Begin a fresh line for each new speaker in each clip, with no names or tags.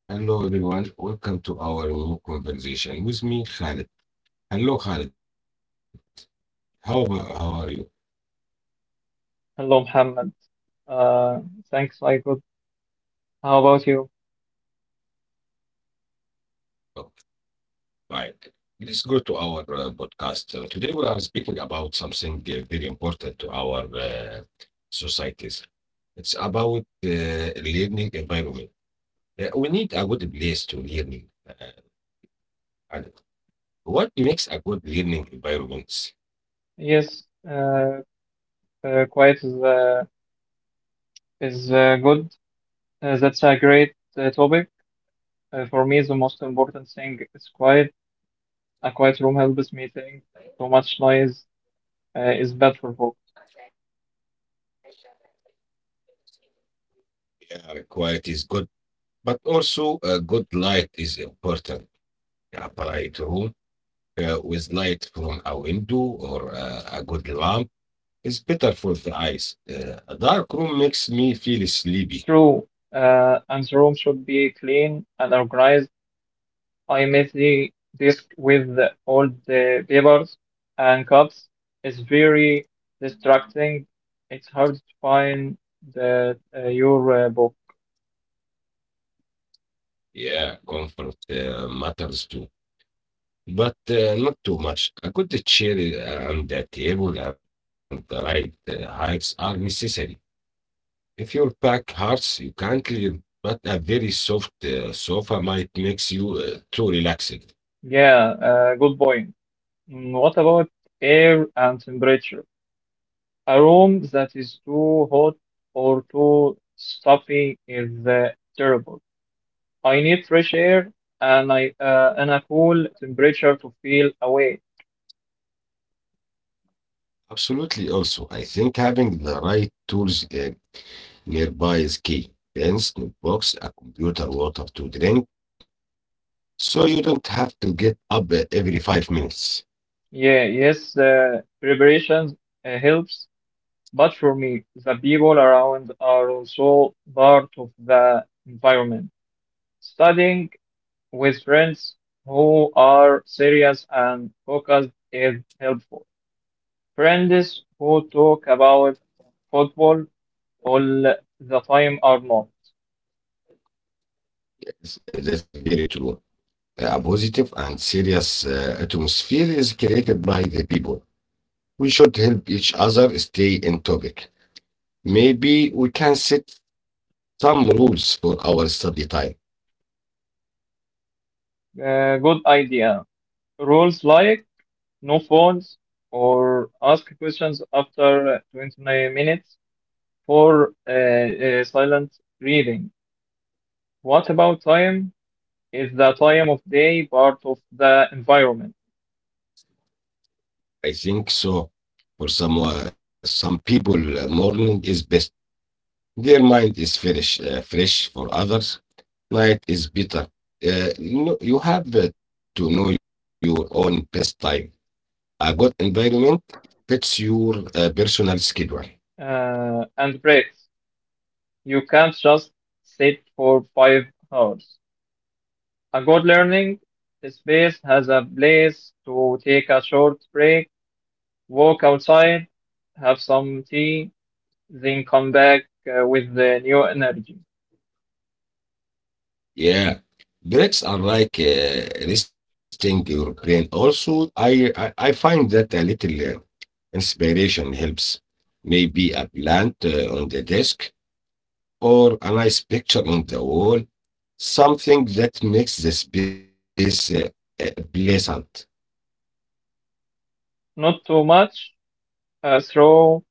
Hello, everyone. Welcome to our new conversation with me, Khalid. Hello, Khalid. How are you?
Hello, Mohammed. Uh, Thanks, Michael. How about you?
Oh, fine. Let's go to our podcast. Today, we are speaking about something very important to our societies. It's about learning environment. We need a good place to learn. And what makes a good learning environment?
Yes, uh, quiet is good. That's a great topic. For me, the most important thing is quiet. A quiet room helps me think. Too much noise is bad for focus.
Yeah, quiet is good, but also a good light is important. A bright room with light from a window or a good lamp is better for the eyes. A dark room makes me feel sleepy.
True, and the room should be clean and organized. I messy the with the- all the papers and cups. It's very distracting. It's hard to find your book.
Yeah, comfort matters too, but not too much. A good chair and a table and the right heights are necessary. If you pack hearts, you can't but a very soft sofa might makes you too relaxed.
Yeah, good point. Mm, what about air and temperature? A room that is too hot or too stuffy is terrible. I need fresh air and I and a cool temperature to feel away.
Absolutely. Also, I think having the right tools nearby is key. Pens, notebooks, a computer, water to drink, so you don't have to get up every 5 minutes.
Yeah, yes, preparations helps. But for me, the people around are also part of the environment. Studying with friends who are serious and focused is helpful. Friends who talk about football all the time are not.
That's very true. A positive and serious atmosphere is created by the people. We should help each other stay in topic. Maybe we can set some rules for our study time.
Good idea. Rules like no phones or ask questions after 20 minutes for silent reading. What about time? Is the time of day part of the environment
I think so. For some people, morning is best. Their mind is fresh. Fresh for others, night is better. You have to know your own best time. A good environment fits your personal schedule.
and breaks? You can't just sit for 5 hours. A good learning space has a place to take a short break, walk outside, have some tea, then come back with the new energy.
Yeah, breaks are like resting your brain. Also, I find that a little inspiration helps. Maybe a plant on the desk or a nice picture on the wall, something that makes the space pleasant.
Not too much, throw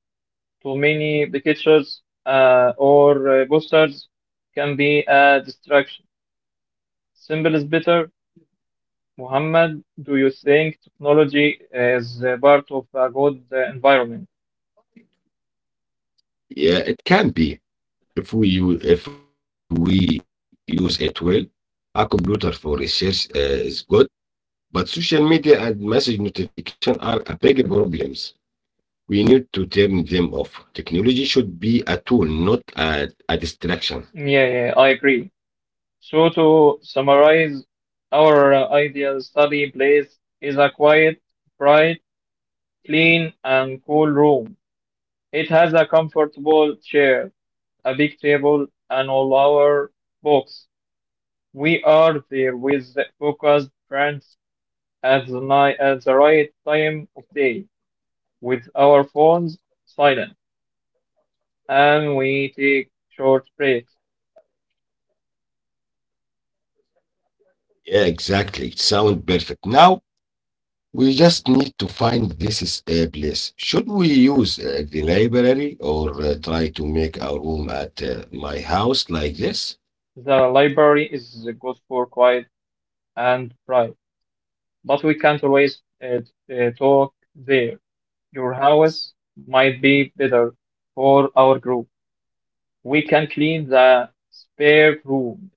too many pictures or posters can be a distraction. Simple is better. Muhammad, do you think technology is part of a good environment?
Yeah, it can be if we use it well. A computer for research is good, but social media and message notification are a big problems. We need to turn them off. Technology should be a tool, not a distraction.
Yeah, I agree. So to summarize, our ideal study place is a quiet, bright, clean and cool room. It has a comfortable chair, a big table and all our books. We are there with the focused friends at the night at the right time of day with our phones silent, and we take short breaks.
Yeah, exactly. Sound perfect now. We just need to find this is a place. Should we use the library or try to make a room at my house like this?
The library is good for quiet and private, but we can't always talk there. Your house might be better for our group. We can clean the spare room,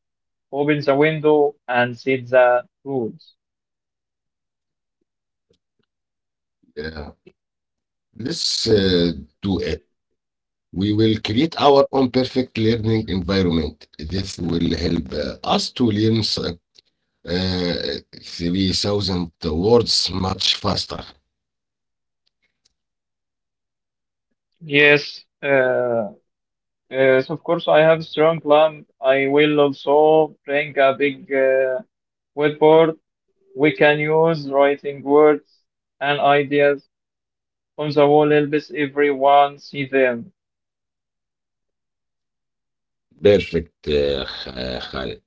open the window, and set the rules.
Yeah, let's do it. We will create our own perfect learning environment. This will help us to learn uh, 3,000 words much faster.
Yes, uh, yes, of course, I have strong plan. I will also bring a big whiteboard. We can use writing words and ideas on the wall helps everyone see them.
Perfect, Khalid.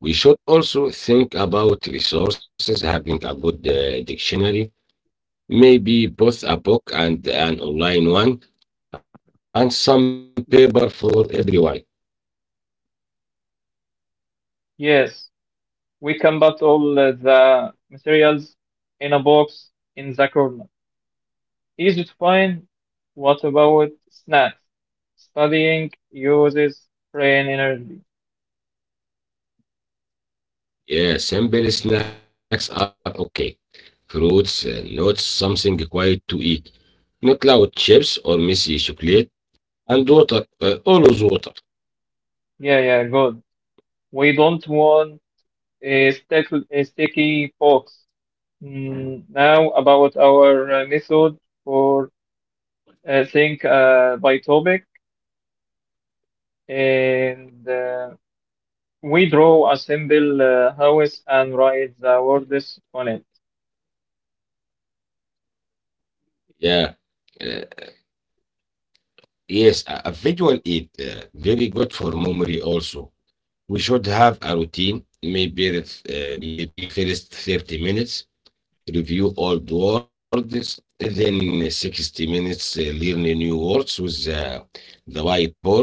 We should also think about resources, having a good dictionary, maybe both a book and an online one, and some paper for everyone.
Yes, we can put all the materials in a box in the corner. Easy to find. What about snacks? Studying uses brain energy.
Yeah, simple snacks are okay. Fruits, nuts, something quiet to eat. Not loud chips or messy chocolate. And Għal-votak, olu votak.
Yeah, good. We don't want a sticky box. Mm, now about our method for think by topic, and we draw a simple house and write the words on it.
Yeah. Uh, yes, a visual aid very good for memory also. We should have a routine, maybe first 30 minutes review old words, then 60 minutes learn new words with the whiteboard,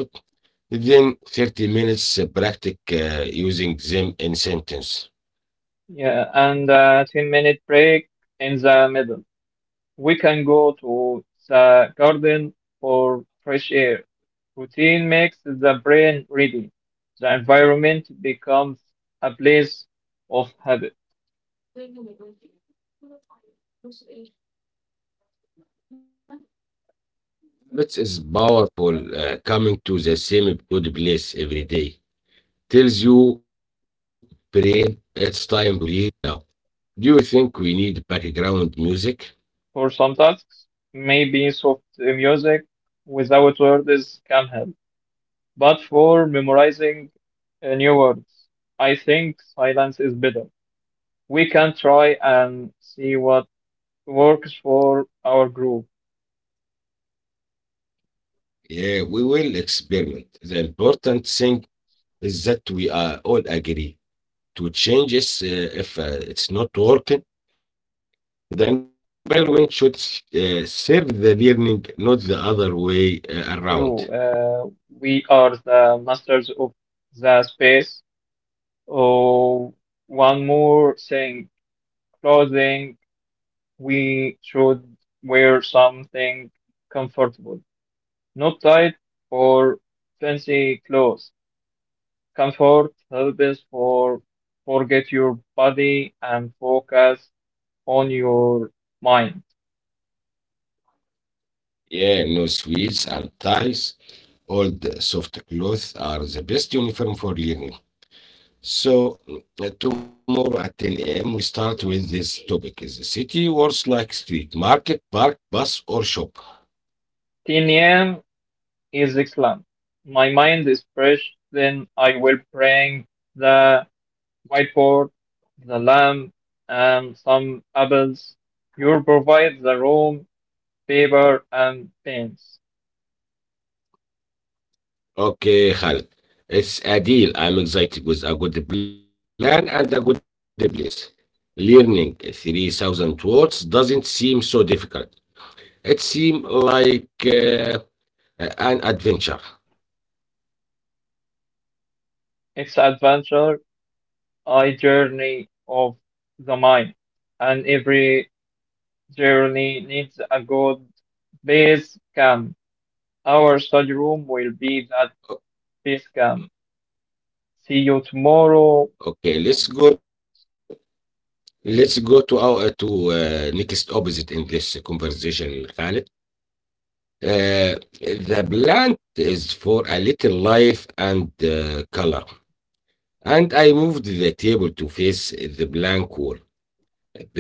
then 50 minutes practice using them in sentence.
Yeah, and a 10-minute break in the middle. We can go to the garden for fresh air. Routine makes the brain ready. The environment becomes a place of habit.
Habits is powerful. Coming to the same good place every day tells you, brain, it's time to leave now. Do you think we need background music?
For some tasks, maybe soft music without words can help. But for memorizing new words, I think silence is better. We can try and see what works for our group.
Yeah, we will experiment. The important thing is that we are all agree. To change is if it's not working. The environment should serve the learning, not the other way around.
True, we are the masters of the space. Oh, one more thing, clothing. We should wear something comfortable, not tight or fancy clothes. Comfort helps us for forget your body and focus on your mind.
Yeah, no sweets and ties. Old soft clothes are the best uniform for learning. So tomorrow at 10 a.m. we start with this topic. Is the city works like street, market, park, bus, or shop?
10 a.m. is excellent. My mind is fresh, then I will bring the whiteboard, the lamp, and some apples. You provide the room, paper, and pens.
Okay, Khaled. It's a deal. I'm excited with a good plan and a good place. Learning 3,000 words doesn't seem so difficult. It seems like an adventure.
It's adventure, a journey of the mind, and every journey needs a good base camp. Our study room will be that
O-
base camp. See you tomorrow.
Okay, let's
Um,
go. Let's go to our to next opposite in this conversation, Khaled. Uh, the plant is for a little life and color. And I moved the table to face the blank wall.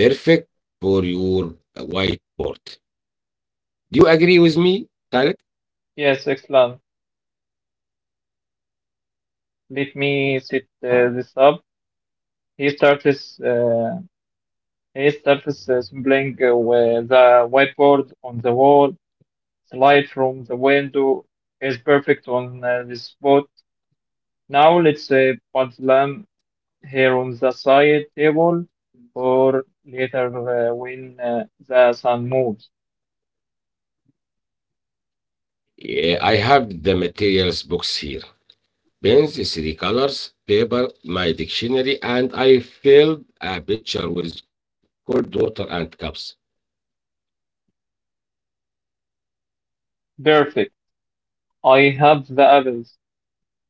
Perfect for your whiteboard. Do you agree with me, Khaled?
yes, excellent. Let me set this up. He starts. Uh, he starts scribbling with the whiteboard on the wall. The light from the window is perfect on this spot. Now let's put them here on the side table or later when the sun moves.
Yeah, I have the materials box here. Pens, three colors, paper, my dictionary, and I filled a picture with cold water and cups.
Perfect. I have the apples.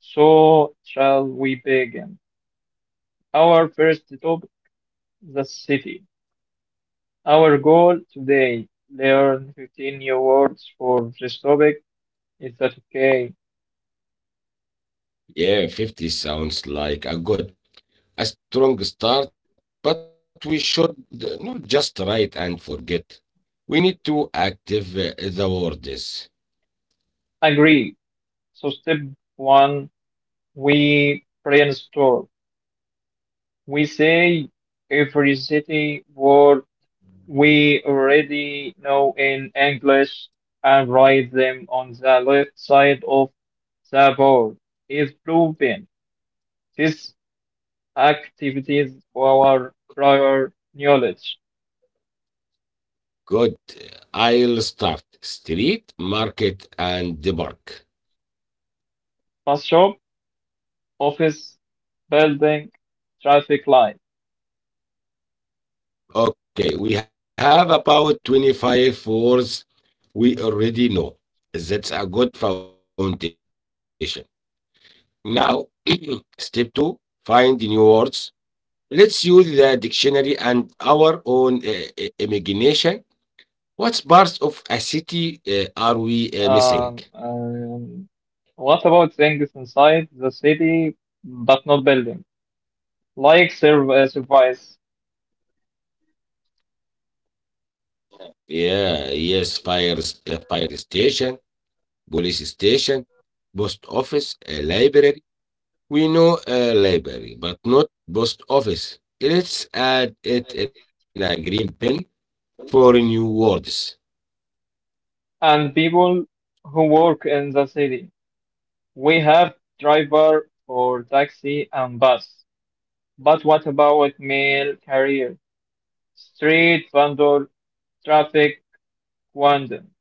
So shall we begin? Our first topic, the city. Our goal today, learn 15 new words for this topic. Is that okay?
Yeah, 50 sounds like a strong start, but we should not just write and forget. We need to active the words.
Agree. So step one, we brainstorm. We say every city word we already know in English and write them on the left side of the board. Is proven these activities our prior knowledge.
Good. I'll start. Street, market, and the park.
Bus shop, office, building, traffic light.
Okay, we have about 25 words we already know. That's a good foundation. Now, step two find the new words. Let's use the dictionary and our own imagination. What parts of a city are we missing?
Um, um, what about things inside the city but not building? Like service
Yeah, yes, fire station, police station, post office, a library. We know a library, but not post office. Let's add it in a green pen for new words.
and people who work in the city. We have driver for taxi and bus. But what about mail carrier, street vendor, traffic quantum?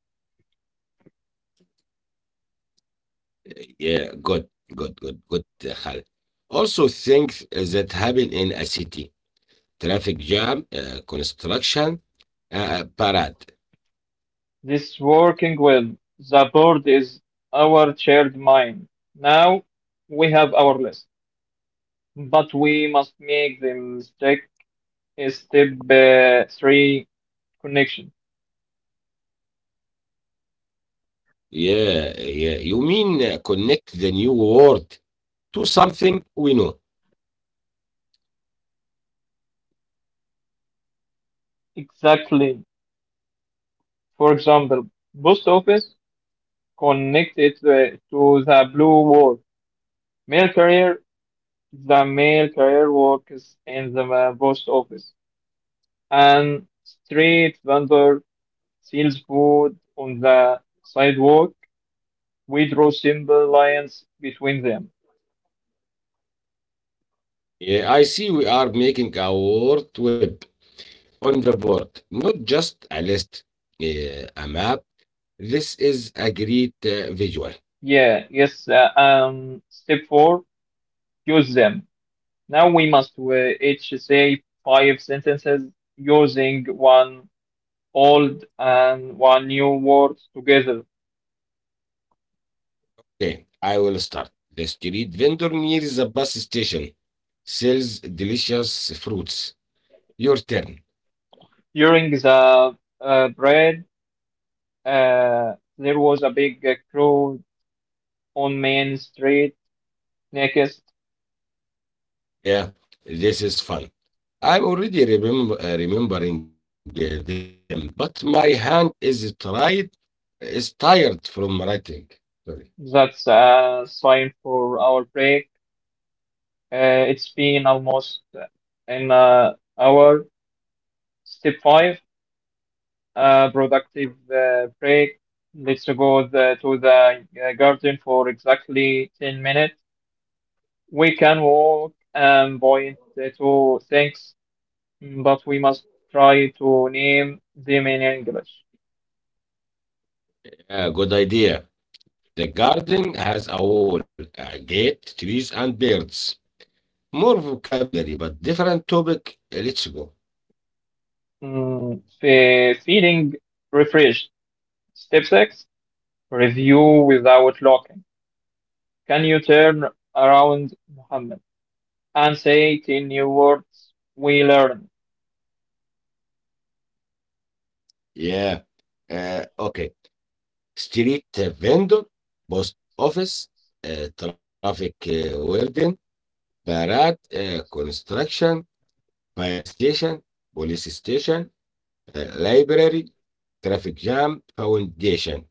Yeah, good, Khaled. Also, things that happen in a city traffic jam, construction, parade.
This working with the board is our shared mind. Now we have our list, but we must make the mistake is step three connection.
Yeah. You mean connect the new word to something we know.
Exactly. For example, post office connected to the blue wall. Mail carrier. The mail carrier works in the post office, and street vendor sells food on the sidewalk. We draw simple lines between them.
Yeah, I see we are making a word web on the board, not just a list, a map. This is a great visual.
Yeah, yes, step four, use them. Now we must each say five sentences using one old and one new word together.
Okay, I will start. The street vendor near the bus station sells delicious fruits. Your turn.
During the bread, uh, there was a big crowd on Main Street next.
Yeah, this is fun. I'm already remembering them, but my hand is tired from writing. Sorry.
That's a sign for our break. It's been almost an hour. Step five, productive break. Let's go to the garden for exactly 10 minutes. We can walk and point to things, but we must try to name them in English.
Yeah, good idea. The garden has a wall, a gate, trees, and birds. More vocabulary, but different topic. Let's go.
Feeling refreshed. Step six, review without locking. Can you turn around, Muhammad, and say 10 new words we learned?
Yeah. Okay. Street vendor, post office, traffic warden, parade, construction, fire station, police station, library, traffic jam, foundation.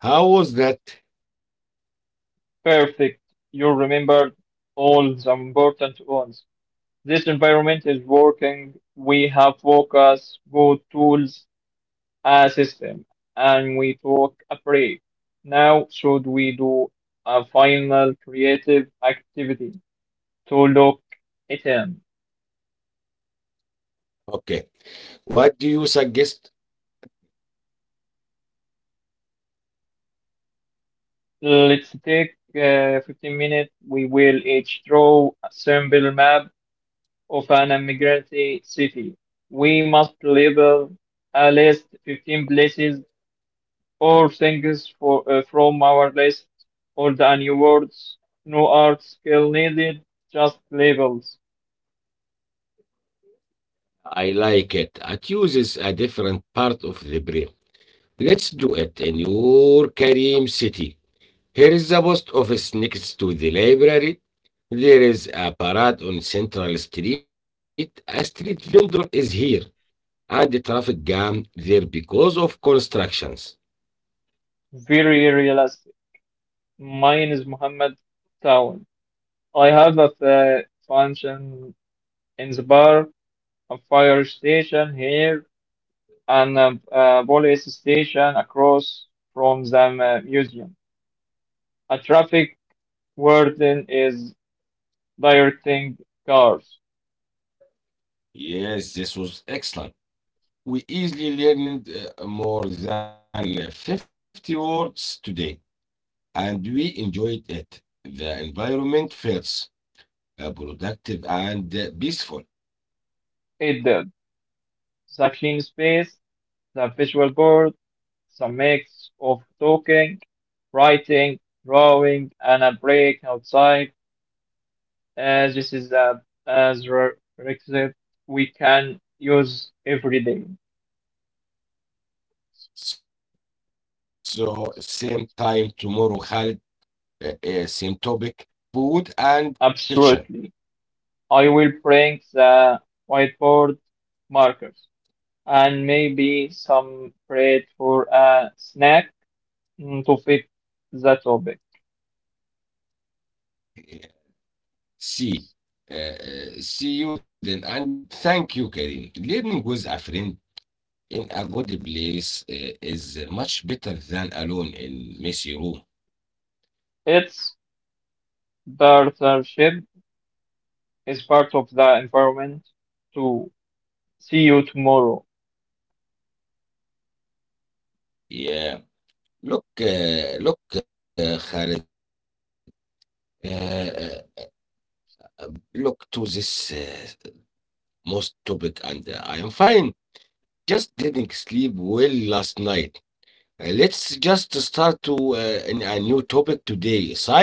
How was that?
Perfect. You remembered all the important ones. This environment is working. We have focus, good tools, a system, and we took a break. Now, should we do a final creative activity to look it in?
Okay. What do you suggest?
Let's take 15 minutes. We will each draw a simple map of an immigrant city. We must label at least 15 places or things from our list or the new words. No art skill needed, just labels.
I like it. It uses a different part of the brain. Let's do it in your Karim city. Here is the post office next to the library. There is a parade on Central Street. A street vendor is here, and the traffic jam there because of constructions.
Very realistic. Mine is Muhammad Town. I have a function in the bar, a fire station here and police station across from the museum. A traffic warden is directing cars.
Yes, this was excellent. We easily learned more than 50 words today. And we enjoyed it. The environment felt productive and peaceful.
It did. The clean space, the visual board, the mix of talking, writing, drawing, and a break outside. This is a as re- requisite we can use every day.
So, same time tomorrow, Khalid, same topic, food and kitchen.
Absolutely. I will bring the whiteboard markers, and maybe some bread for a snack to fit the topic.
Uh, See, See you then, and thank you, Karim. Learning with a friend in a good place is much better than alone in messy room.
Its partnership is part of the environment to see you tomorrow.
Yeah. Look, Khalid. Uh, uh, Look to this most topic, and I am fine. Just didn't sleep well last night. Let's just start to in a new topic today. Science, right?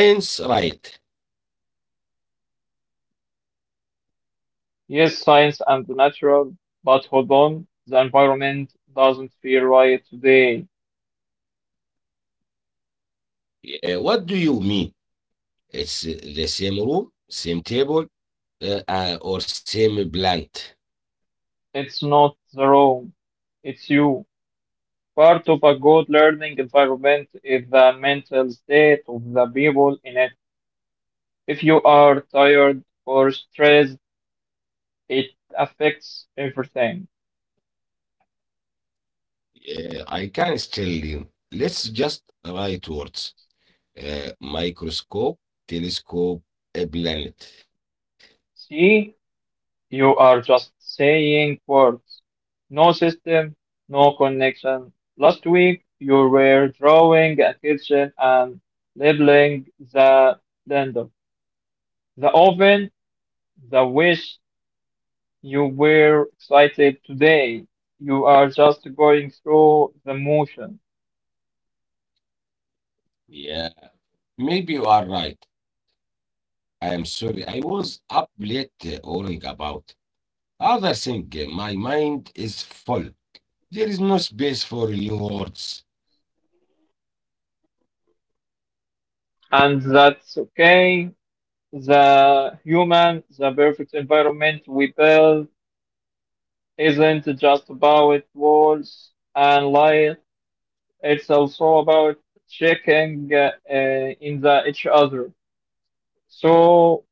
Yes, science and the natural, but hold on, the environment doesn't feel right today.
What do you mean? It's the same room, same table, or same plant?
It's not the room, it's you. Part of a good learning environment is the mental state of the people in it. If you are tired or stressed, it affects everything.
I can still you. Let's just write words. Microscope, telescope, a planet.
See, you are just saying words. No system, no connection. Last week, you were drawing a kitchen and labeling the blender, the oven, the wish. You were excited today. You are just going through the motion.
Yeah, maybe you are right. I am sorry. I was up late worrying about other thing. My mind is full. There is no space for new words.
And that's okay. The human, the perfect environment we build isn't just about walls and light. It's also about checking in the each other. So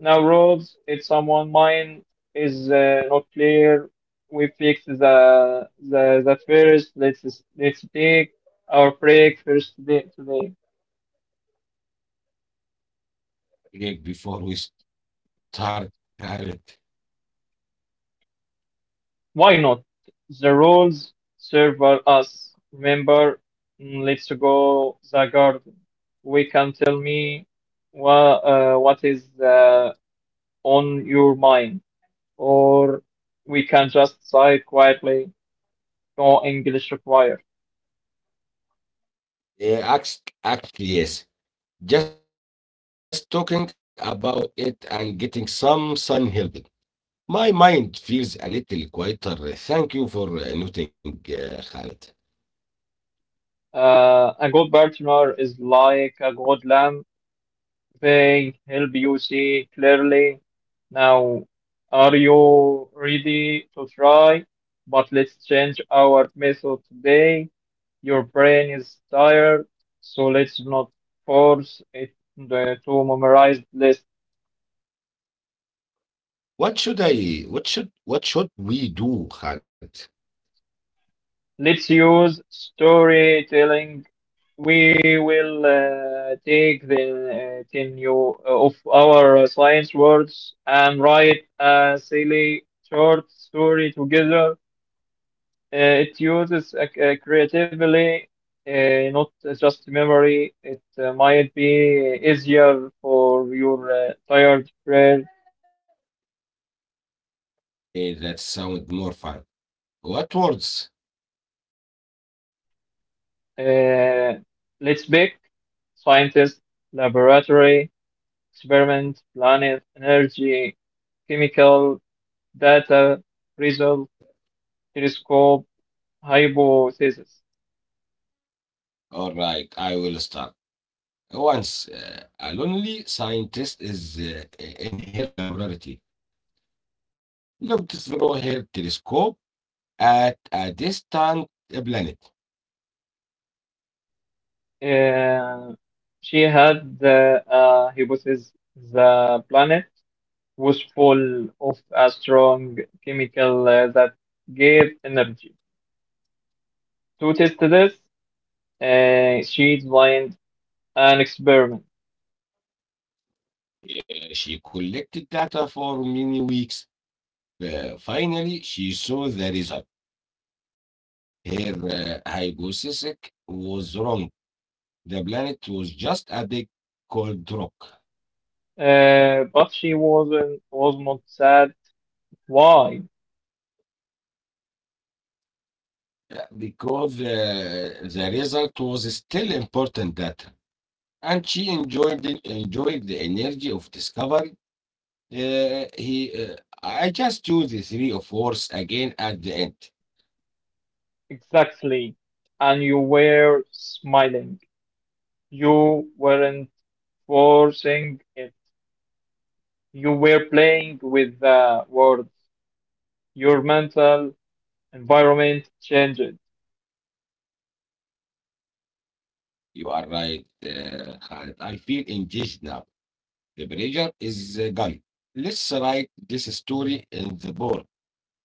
now roads, if someone mind is not clear, we fix the that first. Let's take our break first day today.
Like before we start, Garrett.
Why not? The rules serve us. Remember, let's go the garden. We can tell me what is on your mind, or we can just sigh quietly. No English required.
Yes. Just talking about it and getting some sun help. My mind feels a little quieter. Thank you for noting, Khaled.
A good partner is like a good lamb. They help you see clearly. Now, are you ready to try? But let's change our method today. Your brain is tired, so let's not force to memorize this.
What should I? What should? What should we do, Khaled?
Let's use storytelling. We will take the 10 new of our science words and write a silly short story together. It uses creatively, not just memory. It might be easier for your tired brain.
Eh, that sounds more fun. What words?
Uh, let's pick scientist, laboratory, experiment, planet, energy, chemical, data, result, telescope, hypothesis.
All right, I will start. Once a lonely scientist is in her laboratory, looked through her telescope at a distant planet.
Uh, she had the hypothesis, the planet was full of a strong chemical that gave energy. To test this, she designed an experiment,
She collected data for many weeks. Finally, she saw the result. Her hypothesis was wrong. The planet was just a big cold rock.
but she was not sad. Why
Yeah, because the result was still important data. And she enjoyed the energy of discovery. Uh, he, uh, I just used the three of words again at the end.
exactly? And you were smiling. You weren't forcing it. You were playing with the words. Your mental environment changed.
You are right, Khaled. I feel engaged now. The pressure is gone. Let's write this story in the board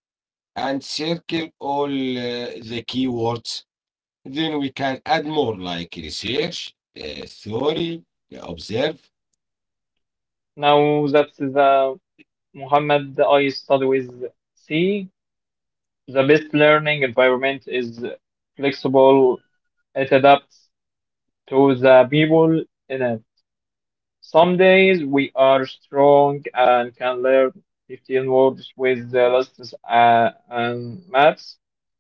and circle all the keywords. Then we can add more like research, theory, observe.
Now that's the Muhammad, I study with C. The best learning environment is flexible. It adapts to the people in it. Some days we are strong and can learn 15 words with the lists and maths.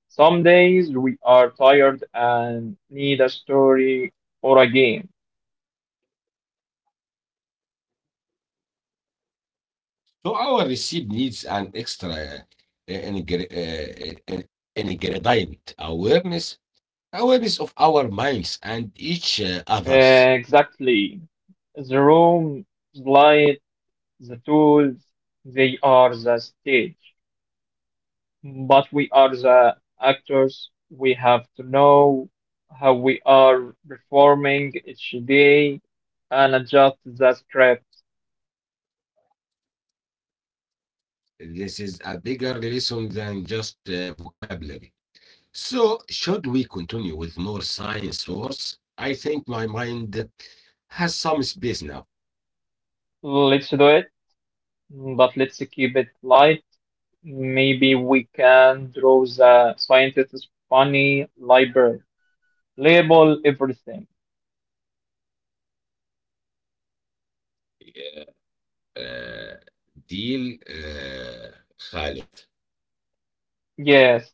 Some days we are tired and need a story or a game.
So our recipe needs an extra ingre- uh, uh, ingredient awareness, awareness of our minds and each others.
Exactly. The room, the light, the tools, they are the stage, but we are the actors. We have to know how we are performing each day and adjust the script.
This is a bigger lesson than just vocabulary. So, should we continue with more science words? I think my mind has some space now.
Let's do it, but let's keep it light. Maybe we can draw the scientist's funny library, label everything.
Uh, Deal, Khalid.
Yes,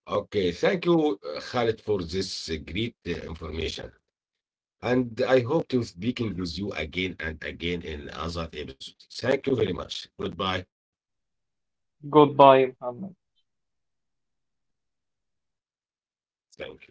Okay, thank you, Khalid, for this great information. And I hope to speaking with you again and again in other episodes. Thank you very much. Goodbye.
goodbye, Muhammad.
Thank you.